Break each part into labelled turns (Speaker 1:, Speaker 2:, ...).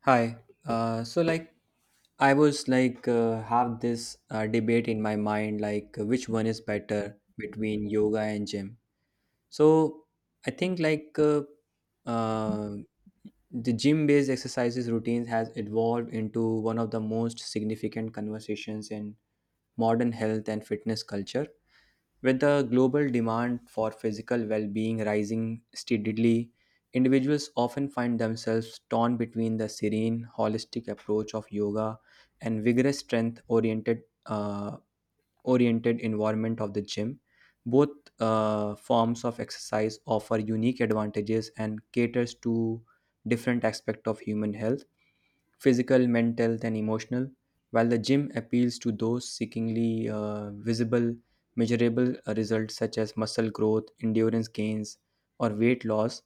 Speaker 1: Hi. So I was like have this debate in my mind like which one is better between yoga and gym. So I think like uh, the gym-based exercises routines has evolved into one of the most significant conversations in modern health and fitness culture. With the global demand for physical well-being rising steadily, individuals often find themselves torn between the serene, holistic approach of yoga and vigorous strength-oriented oriented environment of the gym. Both forms of exercise offer unique advantages and caters to different aspects of human health, physical, mental, then emotional, while the gym appeals to those seeking visible, measurable results such as muscle growth, endurance gains, or weight loss.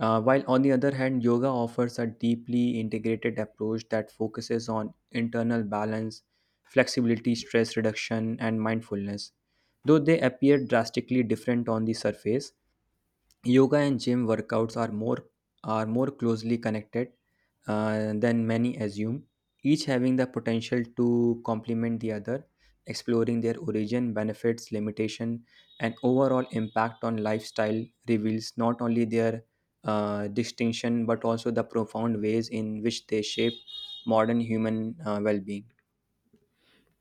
Speaker 1: While on the other hand, yoga offers a deeply integrated approach that focuses on internal balance, flexibility, stress reduction, and mindfulness. Though they appear drastically different on the surface, yoga and gym workouts are more closely connected than many assume, each having the potential to complement the other, exploring their origin benefits limitation and overall impact on lifestyle reveals not only their distinction but also the profound ways in which they shape modern human well-being.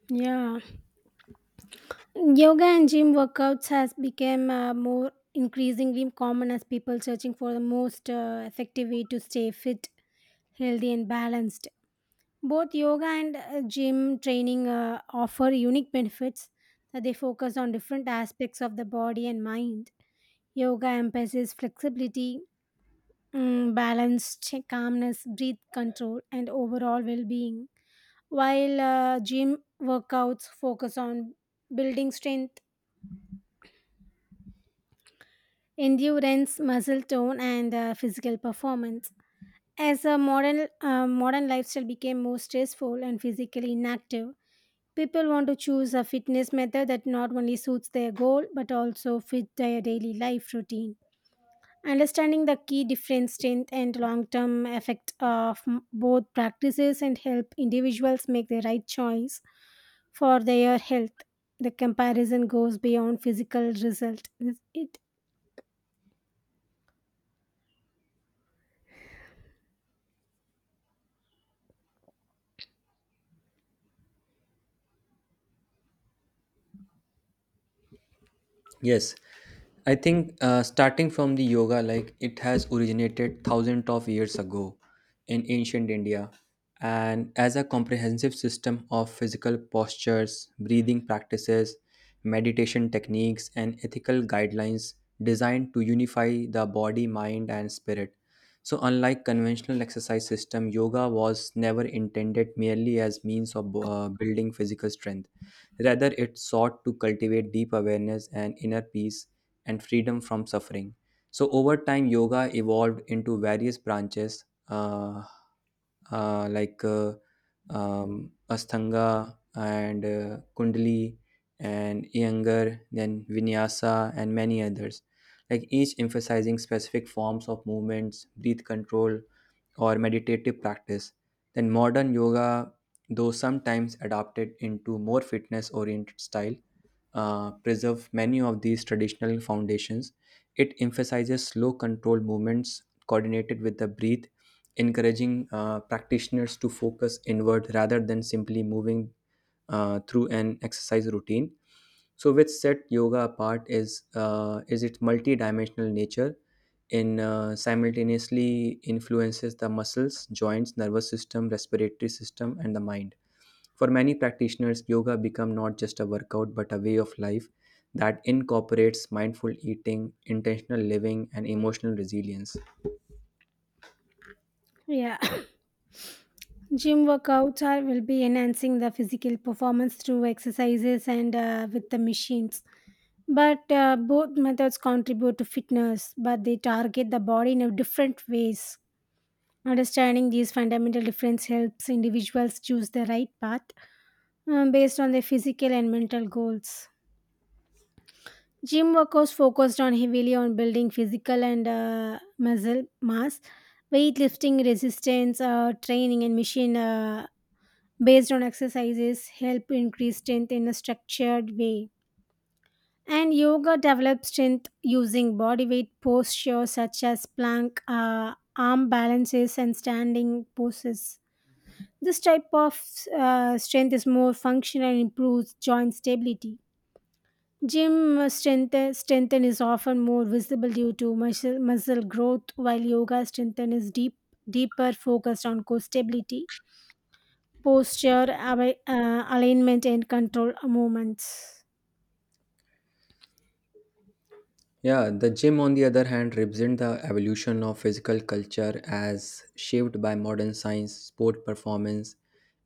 Speaker 2: Yeah, yoga and gym workouts has become more increasingly common as people searching for the most effective way to stay fit, healthy, and balanced. Both yoga and gym training offer unique benefits that they focus on different aspects of the body and mind. Yoga emphasizes flexibility, balance, calmness, breath control, and overall well-being, while gym workouts focus on building strength endurance, muscle tone, and physical performance. As a modern lifestyle became more stressful and physically inactive, people want to choose a fitness method that not only suits their goal but also fit their daily life routine. Understanding the key difference, strength, and long-term effect of both practices and help individuals make the right choice for their health. The comparison goes beyond physical result. Is it?
Speaker 1: Yes, I think starting from the yoga, like it has originated thousands of years ago in ancient India, and as a comprehensive system of physical postures, breathing practices, meditation techniques, and ethical guidelines designed to unify the body, mind, and spirit. So, unlike conventional exercise system, yoga was never intended merely as means of building physical strength. Rather, it sought to cultivate deep awareness and inner peace and freedom from suffering. So over time, yoga evolved into various branches uh, like uh, Ashtanga and Kundali and Iyengar, then Vinyasa and many others. Like each emphasizing specific forms of movements, breath control, or meditative practice. Then modern yoga, though sometimes adapted into more fitness-oriented style, preserve many of these traditional foundations. It emphasizes slow controlled movements coordinated with the breath, encouraging practitioners to focus inward rather than simply moving through an exercise routine. So, which set yoga apart is its multidimensional nature. In simultaneously influences the muscles, joints, nervous system, respiratory system, and the mind. For many practitioners, yoga become not just a workout but a way of life that incorporates mindful eating, intentional living, and emotional resilience.
Speaker 2: Yeah. Gym workouts are will be enhancing the physical performance through exercises and with the machines. But both methods contribute to fitness, but they target the body in a different ways. Understanding these fundamental difference helps individuals choose the right path based on their physical and mental goals. Gym workouts focused on heavily on building physical and muscle mass, weightlifting, resistance training, and machine based on exercises help increase strength in a structured way. And yoga develops strength using body weight postures such as plank, arm balances, and standing poses. This type of strength is more functional and improves joint stability. Gym strength strengthen is often more visible due to muscle growth, while yoga strengthen is deeper focused on core stability, posture, alignment, and control movements.
Speaker 1: Yeah, the gym, on the other hand, represents the evolution of physical culture as shaped by modern science, sport performance,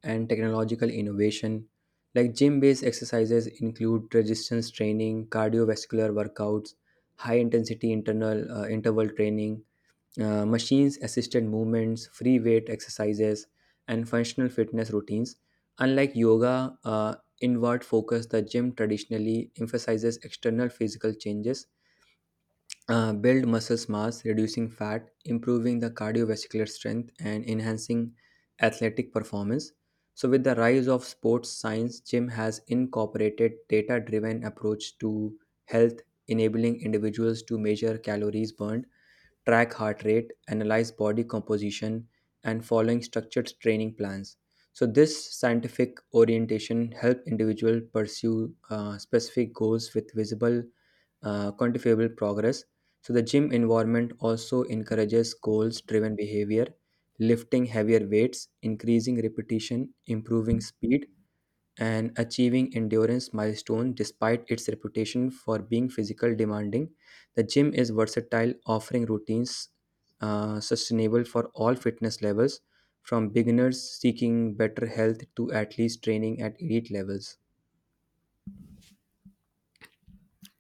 Speaker 1: and technological innovation. Like gym based exercises include resistance training, cardiovascular workouts, high intensity internal interval training, machines assisted movements, free weight exercises, and functional fitness routines. Unlike yoga, inward focus, the gym traditionally emphasizes external physical changes, build muscle mass, reducing fat, improving the cardiovascular strength, and enhancing athletic performance. So, with the rise of sports science, gym has incorporated data driven approach to health, enabling individuals to measure calories burned, track heart rate, analyze body composition, and following structured training plans. So this scientific orientation help individual pursue specific goals with visible, quantifiable progress. So the gym environment also encourages goals-driven behavior, lifting heavier weights, increasing repetition, improving speed, and achieving endurance milestones despite its reputation for being physical demanding. The gym is versatile, offering routines sustainable for all fitness levels, from beginners seeking better health to athletes training at elite levels.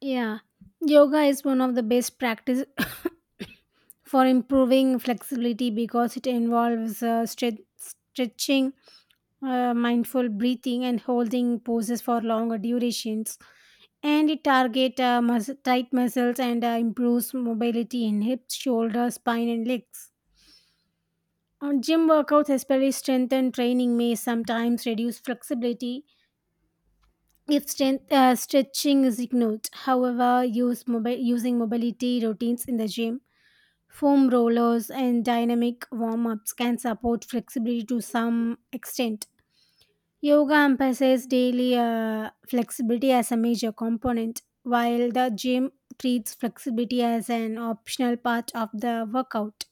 Speaker 2: Yeah, yoga is one of the best practice for improving flexibility because it involves stretching, mindful breathing, and holding poses for longer durations. And it target tight muscles and improves mobility in hips, shoulders, spine, and legs. On gym workouts, especially strength and training may sometimes reduce flexibility if strength, stretching is ignored. However, use using mobility routines in the gym, foam rollers and dynamic warm-ups can support flexibility to some extent. Yoga emphasizes daily flexibility as a major component, while the gym treats flexibility as an optional part of the workout.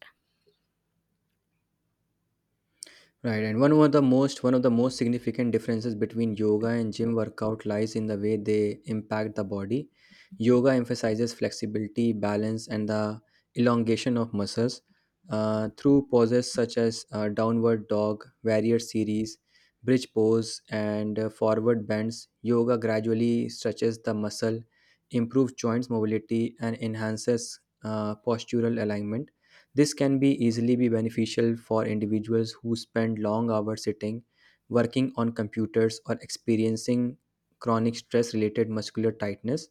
Speaker 1: Right, and one of the most significant differences between yoga and gym workout lies in the way they impact the body. Yoga emphasizes flexibility, balance, and the elongation of muscles through poses such as downward dog, warrior series, bridge pose, and forward bends. Yoga gradually stretches the muscle, improves joints mobility, and enhances postural alignment. This can be easily be beneficial for individuals who spend long hours sitting, working on computers, or experiencing chronic stress related muscular tightness.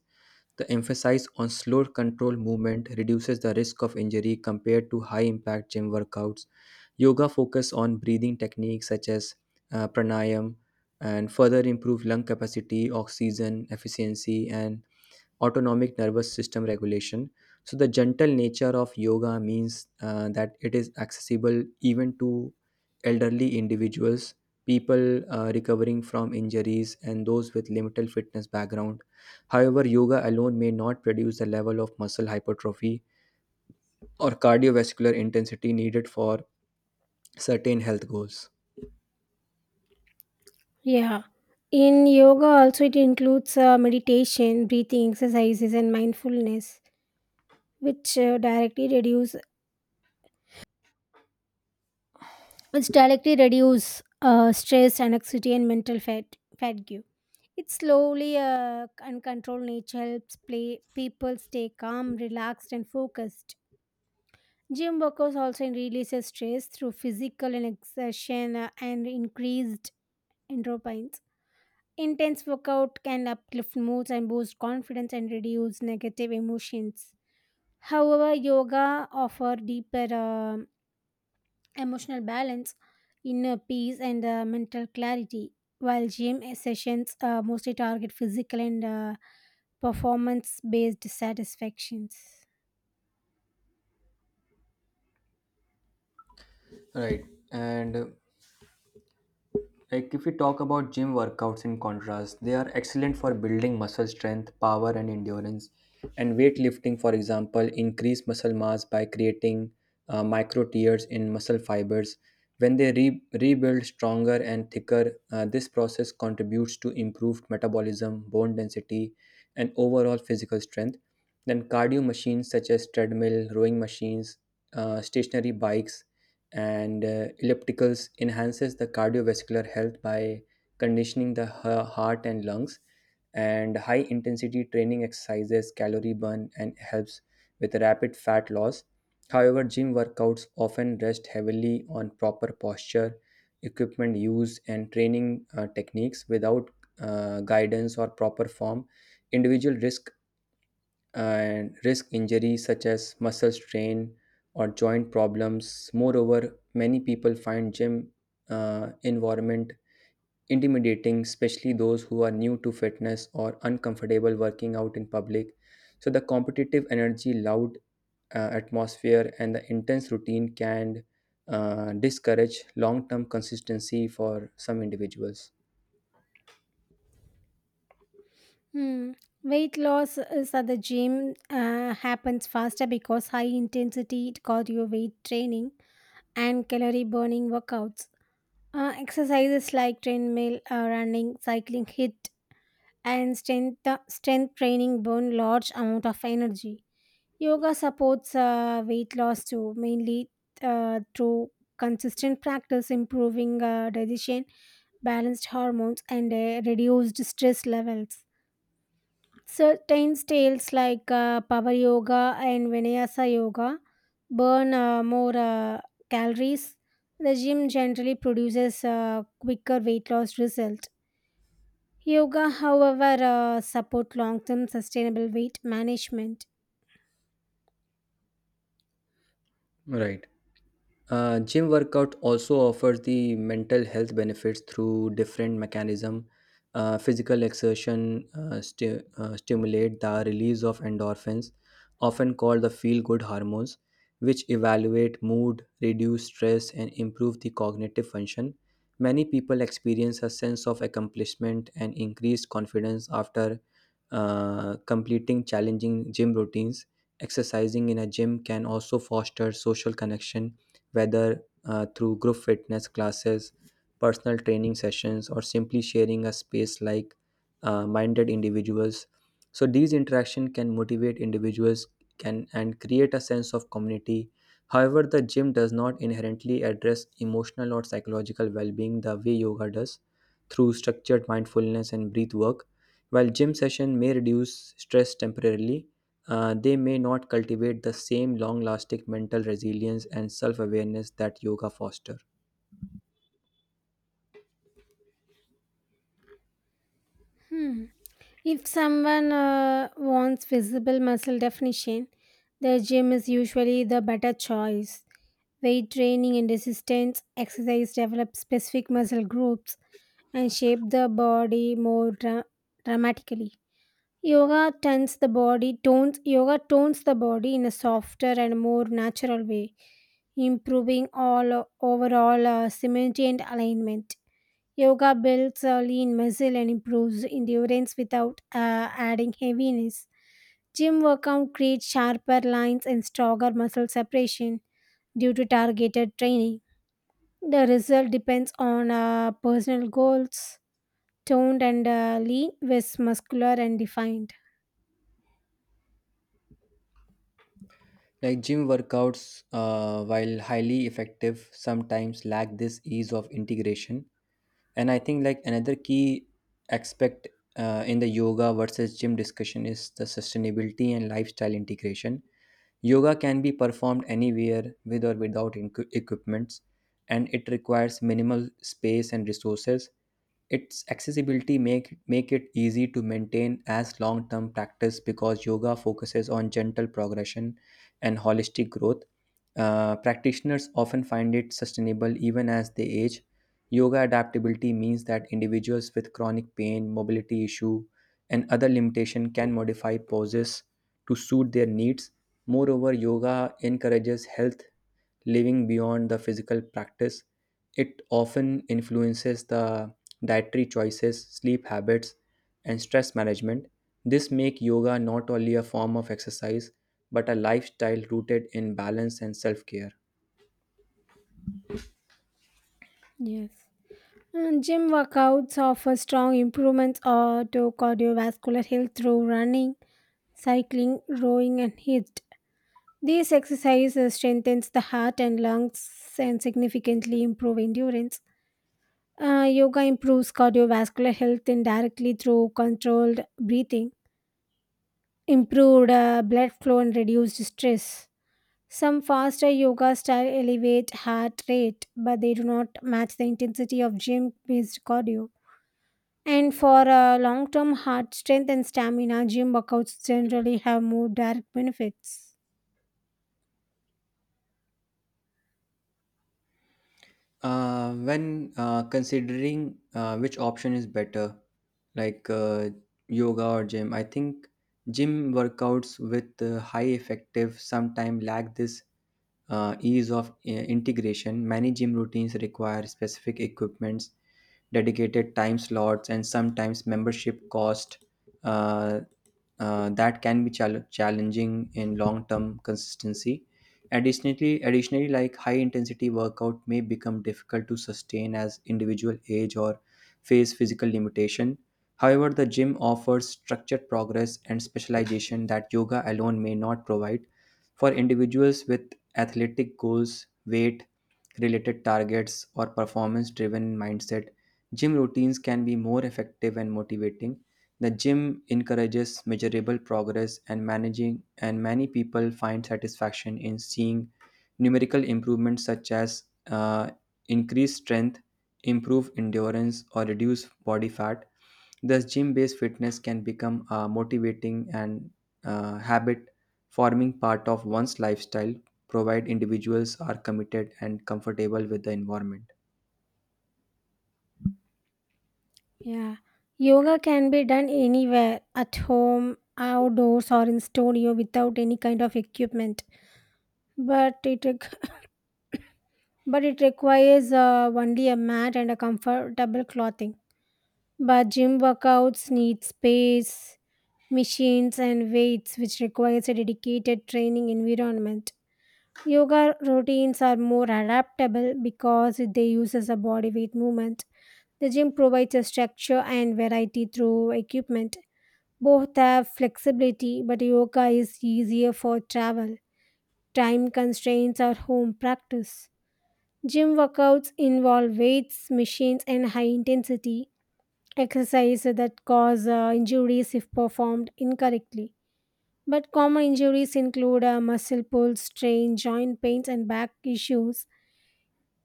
Speaker 1: The emphasis on slow control movement reduces the risk of injury compared to high impact gym workouts. Yoga focus on breathing techniques such as pranayam and further improve lung capacity, oxygen efficiency, and autonomic nervous system regulation. So, the gentle nature of yoga means that it is accessible even to elderly individuals, people recovering from injuries, and those with limited fitness background. However, yoga alone may not produce the level of muscle hypertrophy or cardiovascular intensity needed for certain health goals.
Speaker 2: Yeah, in yoga also it includes meditation breathing exercises and mindfulness which uh, directly reduce which directly reduce stress, anxiety, and mental fatigue. Its slowly and controlled nature helps play people stay calm, relaxed, and focused. Gym workers also releases stress through physical and exertion and increased endorphins. Intense workout can uplift moods and boost confidence and reduce negative emotions. However, yoga offer deeper emotional balance, inner peace, and mental clarity, while gym sessions mostly target physical and performance based satisfactions.
Speaker 1: Right, and like if we talk about gym workouts in contrast, they are excellent for building muscle strength, power and endurance. And weightlifting, for example, increase muscle mass by creating micro tears in muscle fibers. When they rebuild stronger and thicker, this process contributes to improved metabolism, bone density, and overall physical strength. Then cardio machines such as treadmill, rowing machines, stationary bikes, and ellipticals enhances the cardiovascular health by conditioning the heart and lungs, and high intensity training exercises calorie burn and helps with rapid fat loss. However, gym workouts often rest heavily on proper posture, equipment use, and training techniques. Without guidance or proper form, individual risk and risk injuries such as muscle strain or joint problems. Moreover, many people find gym environment intimidating, especially those who are new to fitness or uncomfortable working out in public. So the competitive energy, loud atmosphere, and the intense routine can discourage long-term consistency for some individuals.
Speaker 2: Hmm. Weight loss is at the gym happens faster because high intensity cardio weight training and calorie burning workouts. Exercises like treadmill, running, cycling hit and strength training burn large amount of energy. Yoga supports weight loss too, mainly through consistent practice improving digestion, balanced hormones and reduced stress levels. Certain styles like power yoga and vinyasa yoga burn more calories. The gym generally produces quicker weight loss result. Yoga, however, support long-term sustainable weight management.
Speaker 1: Right. Gym workout also offers the mental health benefits through different mechanism. Physical exertion stimulate the release of endorphins, often called the feel-good hormones, which evaluate mood, reduce stress, and improve the cognitive function. Many people experience a sense of accomplishment and increased confidence after completing challenging gym routines. Exercising in a gym can also foster social connection, whether through group fitness classes, personal training sessions, or simply sharing a space like minded individuals. So these interaction can motivate individuals can and create a sense of community. However, the gym does not inherently address emotional or psychological well-being the way yoga does through structured mindfulness and breath work. While gym session may reduce stress temporarily, they may not cultivate the same long lasting mental resilience and self awareness that yoga foster.
Speaker 2: Hmm. If someone wants visible muscle definition, the gym is usually the better choice. Weight training and resistance exercise develop specific muscle groups and shape the body more dramatically. Yoga tones the body in a softer and more natural way, improving all overall symmetry and alignment. Yoga builds a lean muscle and improves endurance without adding heaviness. Gym workout creates sharper lines and stronger muscle separation due to targeted training. The result depends on personal goals. Toned and lean, with muscular and defined.
Speaker 1: Like gym workouts, while highly effective, sometimes lack this ease of integration. And I think like another key aspect in the yoga versus gym discussion is the sustainability and lifestyle integration. Yoga can be performed anywhere with or without equipments, and it requires minimal space and resources. Its accessibility make it easy to maintain as long-term practice because yoga focuses on gentle progression and holistic growth. Practitioners often find it sustainable even as they age. Yoga adaptability means that individuals with chronic pain, mobility issue, and other limitation can modify poses to suit their needs. Moreover, yoga encourages health living beyond the physical practice. It often influences the dietary choices, sleep habits, and stress management. This make yoga not only a form of exercise but a lifestyle rooted in balance and self-care.
Speaker 2: Yes. And gym workouts offer strong improvements to cardiovascular health through running, cycling, rowing, and HIIT. These exercises strengthens the heart and lungs and significantly improve endurance. Yoga improves cardiovascular health indirectly through controlled breathing, improved blood flow, and reduced stress. Some faster yoga style elevate heart rate, but they do not match the intensity of gym-based cardio. And for long term heart strength and stamina, gym workouts generally have more direct benefits.
Speaker 1: When considering which option is better, like uh, yoga or gym, I think gym workouts with high effective sometimes lack this ease of integration. Many gym routines require specific equipments, dedicated time slots, and sometimes membership cost uh, that can be challenging in long-term consistency. Additionally, like high-intensity workout may become difficult to sustain as individual age or face physical limitation. However, the gym offers structured progress and specialization that yoga alone may not provide. For individuals with athletic goals, weight related targets, or performance driven mindset, gym routines can be more effective and motivating. The gym encourages measurable progress and managing, and many people find satisfaction in seeing numerical improvements such as uh, increased strength, improved endurance, or reduced body fat. Thus, gym based fitness can become a motivating and habit forming part of one's lifestyle, provide individuals are committed and comfortable with the environment.
Speaker 2: Yeah. Yoga can be done anywhere at home, outdoors, or in studio without any kind of equipment. But it, req- but it requires only a mat and a comfortable clothing. But gym workouts need space, machines, and weights, which requires a dedicated training environment. Yoga routines are more adaptable because they use as a body weight movement. The gym provides a structure and variety through equipment. Both have flexibility, but yoga is easier for travel, time constraints, or home practice. Gym workouts involve weights, machines, and high intensity exercise that cause injuries if performed incorrectly. But common injuries include muscle pulls, strain, joint pains, and back issues.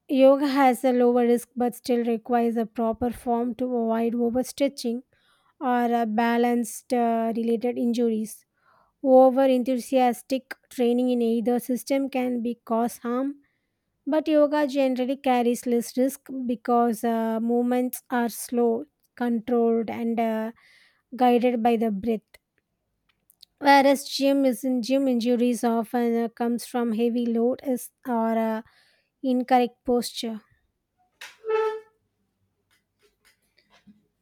Speaker 2: Yoga has a lower risk but still requires a proper form to avoid overstretching or balanced related injuries. Over enthusiastic training in either system can be cause harm, but yoga generally carries less risk because movements are slow, controlled, and guided by the breath. Whereas gym is in gym injuries often comes from heavy load is or incorrect posture.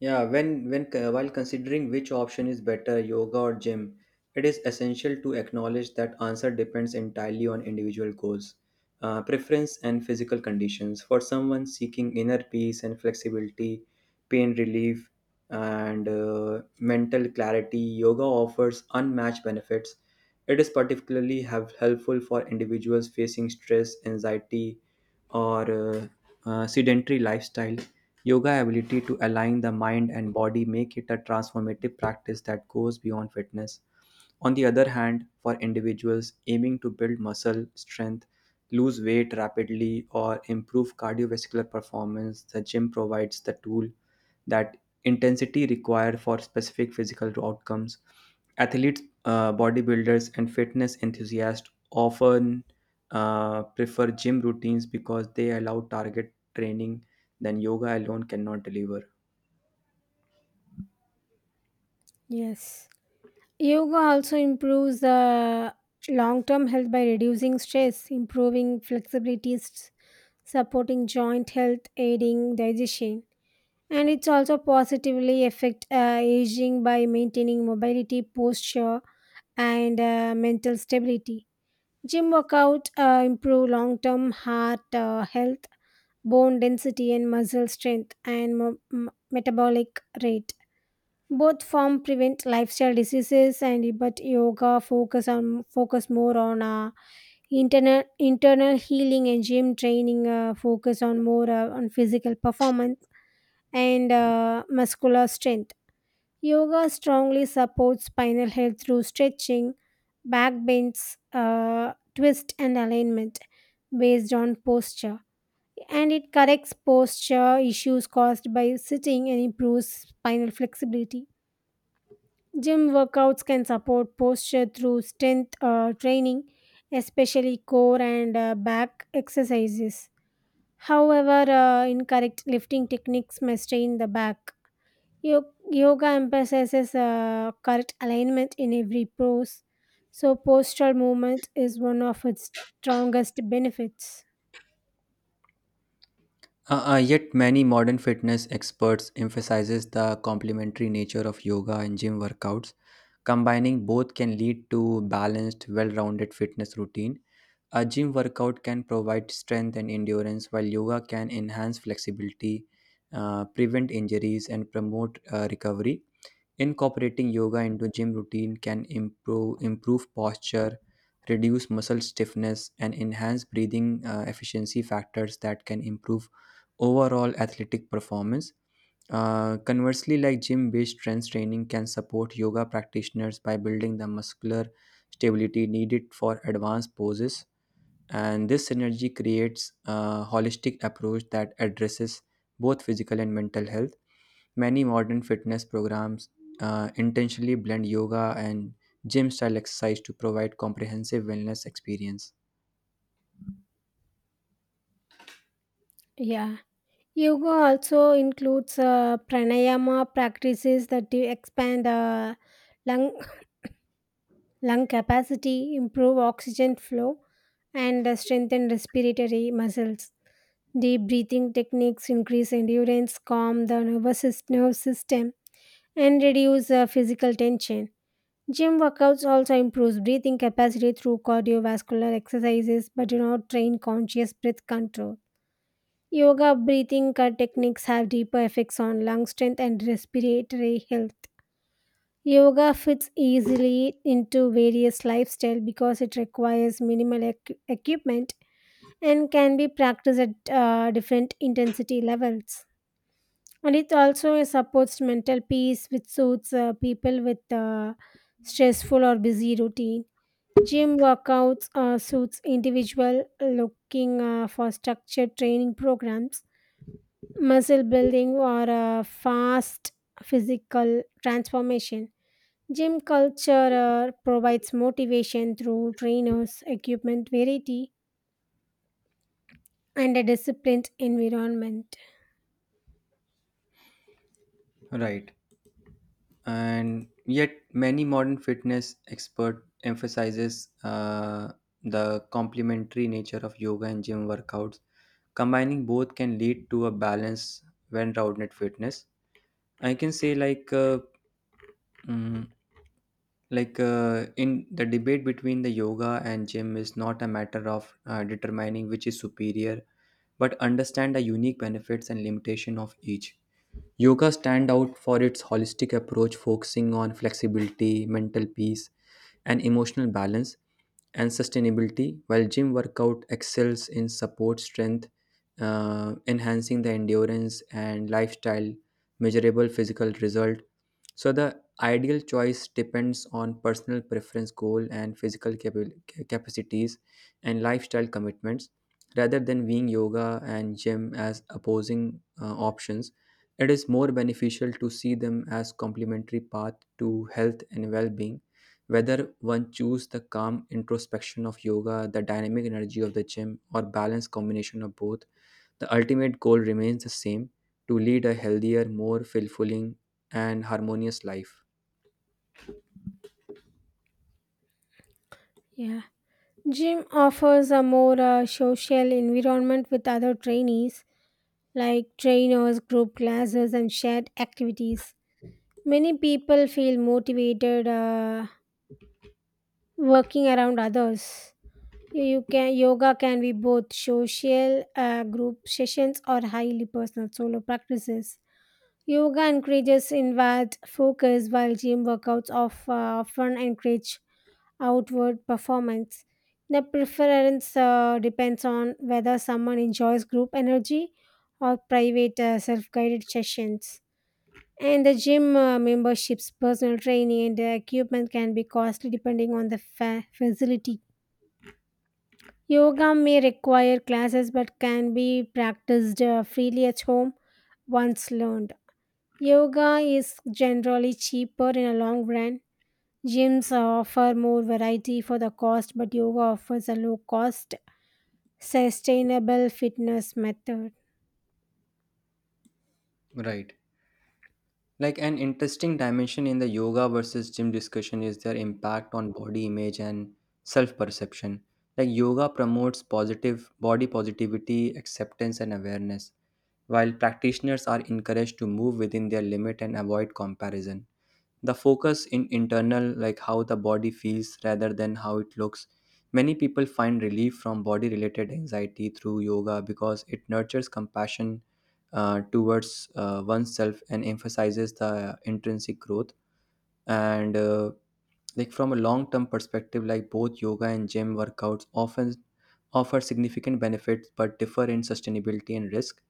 Speaker 1: Yeah, while considering which option is better, yoga or gym, it is essential to acknowledge that answer depends entirely on individual goals, preference, and physical conditions. For someone seeking inner peace and flexibility, pain relief, and mental clarity, yoga offers unmatched benefits. It is particularly have helpful for individuals facing stress, anxiety, or sedentary lifestyle. Yoga ability to align the mind and body make it a transformative practice that goes beyond fitness. On the other hand, for individuals aiming to build muscle strength, lose weight rapidly, or improve cardiovascular performance, the gym provides the tool that intensity required for specific physical outcomes. Athletes, bodybuilders, and fitness enthusiasts often prefer gym routines because they allow target training than yoga alone cannot deliver.
Speaker 2: Yes. Yoga also improves the long term health by reducing stress, improving flexibility, supporting joint health, aiding digestion. And it's also positively affect aging by maintaining mobility, posture, and mental stability. Gym workout improve long term heart health, bone density, and muscle strength, and metabolic rate. Both form prevent lifestyle diseases, and but yoga focus more on internal healing, and gym training focus on more on physical performance and muscular strength. Yoga strongly supports spinal health through stretching, back bends, twist, and alignment based on posture. And it corrects posture issues caused by sitting and improves spinal flexibility. Gym workouts can support posture through strength training, especially core and back exercises. However, incorrect lifting techniques may strain the back. Yoga emphasizes correct alignment in every pose, so postural movement is one of its strongest benefits.
Speaker 1: Yet many modern fitness experts emphasizes the complementary nature of yoga and gym workouts. Combining both can lead to balanced, well-rounded fitness routine. A gym workout can provide strength and endurance, while yoga can enhance flexibility, prevent injuries, and promote recovery. Incorporating yoga into gym routine can improve posture, reduce muscle stiffness, and enhance breathing efficiency factors that can improve overall athletic performance. Conversely, like gym-based strength training can support yoga practitioners by building the muscular stability needed for advanced poses, and this synergy creates a holistic approach that addresses both physical and mental health. Many modern fitness programs intentionally blend yoga and gym style exercise to provide comprehensive wellness experience.
Speaker 2: Yeah. Yoga also includes pranayama practices that do expand lung lung capacity, improve oxygen flow, and strengthen respiratory muscles. Deep breathing techniques increase endurance, calm the nerve system, and reduce physical tension. Gym workouts also improves breathing capacity through cardiovascular exercises but do not train conscious breath control. Yoga breathing techniques have deeper effects on lung strength and respiratory health. Yoga fits easily into various lifestyle because it requires minimal equipment and can be practiced at different intensity levels. And it also supports mental peace, which suits people with stressful or busy routine. Gym workouts suits individual looking for structured training programs, muscle building, or fast physical transformation. Gym culture provides motivation through trainers, equipment variety, and a disciplined environment.
Speaker 1: Right. And yet many modern fitness expert emphasizes the complementary nature of yoga and gym workouts. Combining both can lead to a balance when rounded fitness. I can say like mm, like in the debate between the yoga and gym is not a matter of determining which is superior but understand the unique benefits and limitation of each. Yoga stand out for its holistic approach focusing on flexibility mental peace and emotional balance and sustainability, while gym workout excels in support strength, enhancing the endurance and lifestyle measurable physical result. So the ideal choice depends on personal preference, goal, and physical capacities and lifestyle commitments. Rather than viewing yoga and gym as opposing options, it is more beneficial to see them as complementary path to health and well-being. Whether one choose the calm introspection of yoga, the dynamic energy of the gym, or balanced combination of both, the ultimate goal remains the same: to lead a healthier, more fulfilling, and harmonious life.
Speaker 2: Yeah. Gym offers a more social environment with other trainees, like trainers, group classes, and shared activities. Many people feel motivated working around others. You can yoga can be both social group sessions or highly personal solo practices. Yoga encourages inward focus, while gym workouts often encourage outward performance. The preference depends on whether someone enjoys group energy or private self guided sessions. And the gym memberships, personal training, and equipment can be costly depending on the facility. Yoga may require classes but can be practiced freely at home once learned. Yoga is generally cheaper in a long run. Gyms offer more variety for the cost, but yoga offers a low cost, sustainable fitness method.
Speaker 1: Right. Like an interesting dimension in the yoga versus gym discussion is their impact on body image and self perception. Like yoga promotes positive body positivity, acceptance, and awareness, while practitioners are encouraged to move within their limit and avoid comparison. The focus in internal like how the body feels rather than how it looks. Many people find relief from body related anxiety through yoga because it nurtures compassion towards oneself and emphasizes the intrinsic growth. And Like from a long term perspective, like both yoga and gym workouts often offer significant benefits but differ in sustainability and risk.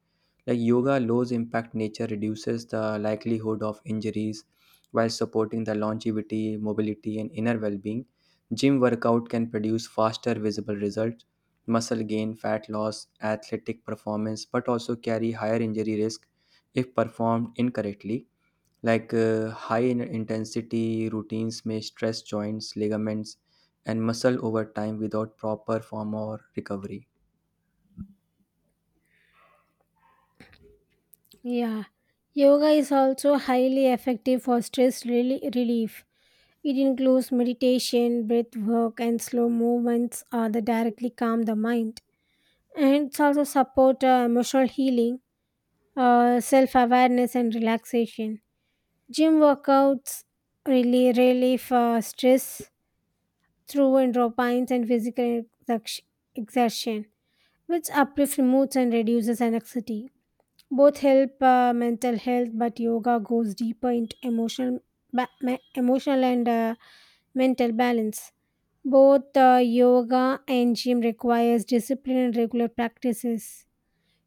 Speaker 1: Like yoga, lows impact nature reduces the likelihood of injuries while supporting the longevity, mobility, and inner well being. Gym workout can produce faster visible results, muscle gain, fat loss, athletic performance, but also carry higher injury risk if performed incorrectly. Like intensity routines may stress joints, ligaments, and muscle over time without proper form or recovery.
Speaker 2: Yeah. Yoga is also highly effective for stress relief. It includes meditation, breath work, and slow movements that directly calm the mind. And it's also support emotional healing, self awareness, and relaxation. Gym workouts really relieve stress through endorphins and physical exerc- exertion, which uplifts moods and reduces anxiety. Both help mental health, but yoga goes deeper into emotional and mental balance. Both yoga and gym requires discipline and regular practices.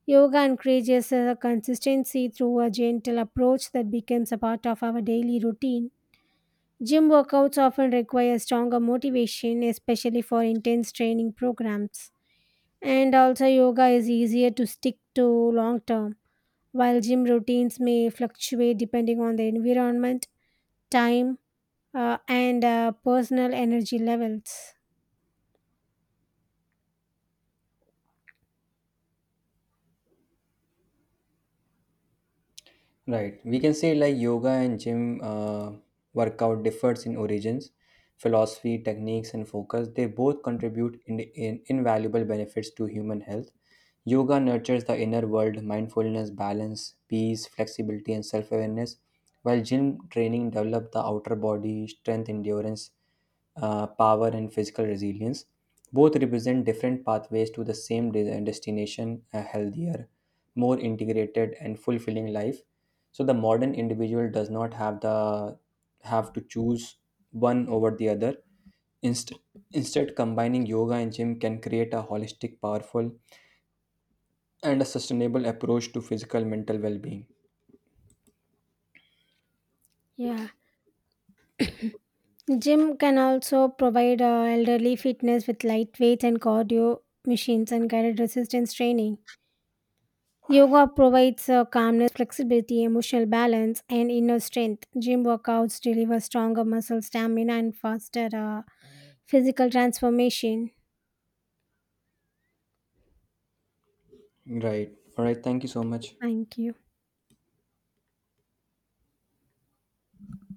Speaker 2: Yoga encourages consistency through a gentle approach that becomes a part of our daily routine. Gym workouts often require stronger motivation, especially for intense training programs. And also, yoga is easier to stick to long term, while gym routines may fluctuate depending on the environment, time, and personal energy levels.
Speaker 1: Right. We can say like yoga and gym workout differs in origins, philosophy, techniques, and focus. They both contribute in invaluable benefits to human health. Yoga nurtures the inner world, mindfulness, balance, peace, flexibility, and self awareness, while gym training develops the outer body, strength, endurance, power and physical resilience. Both represent different pathways to the same destination: a healthier, more integrated and fulfilling life. So the modern individual does not have the have to choose one over the other. Inst- Instead, combining yoga and gym can create a holistic powerful and a sustainable approach to physical mental well-being.
Speaker 2: Yeah. Gym can also provide elderly fitness with lightweight and cardio machines and guided resistance training. Yoga provides calmness, flexibility, emotional balance, and inner strength. Gym workouts deliver stronger muscle stamina and faster physical transformation.
Speaker 1: Right, all right, thank you so much.
Speaker 2: Thank you.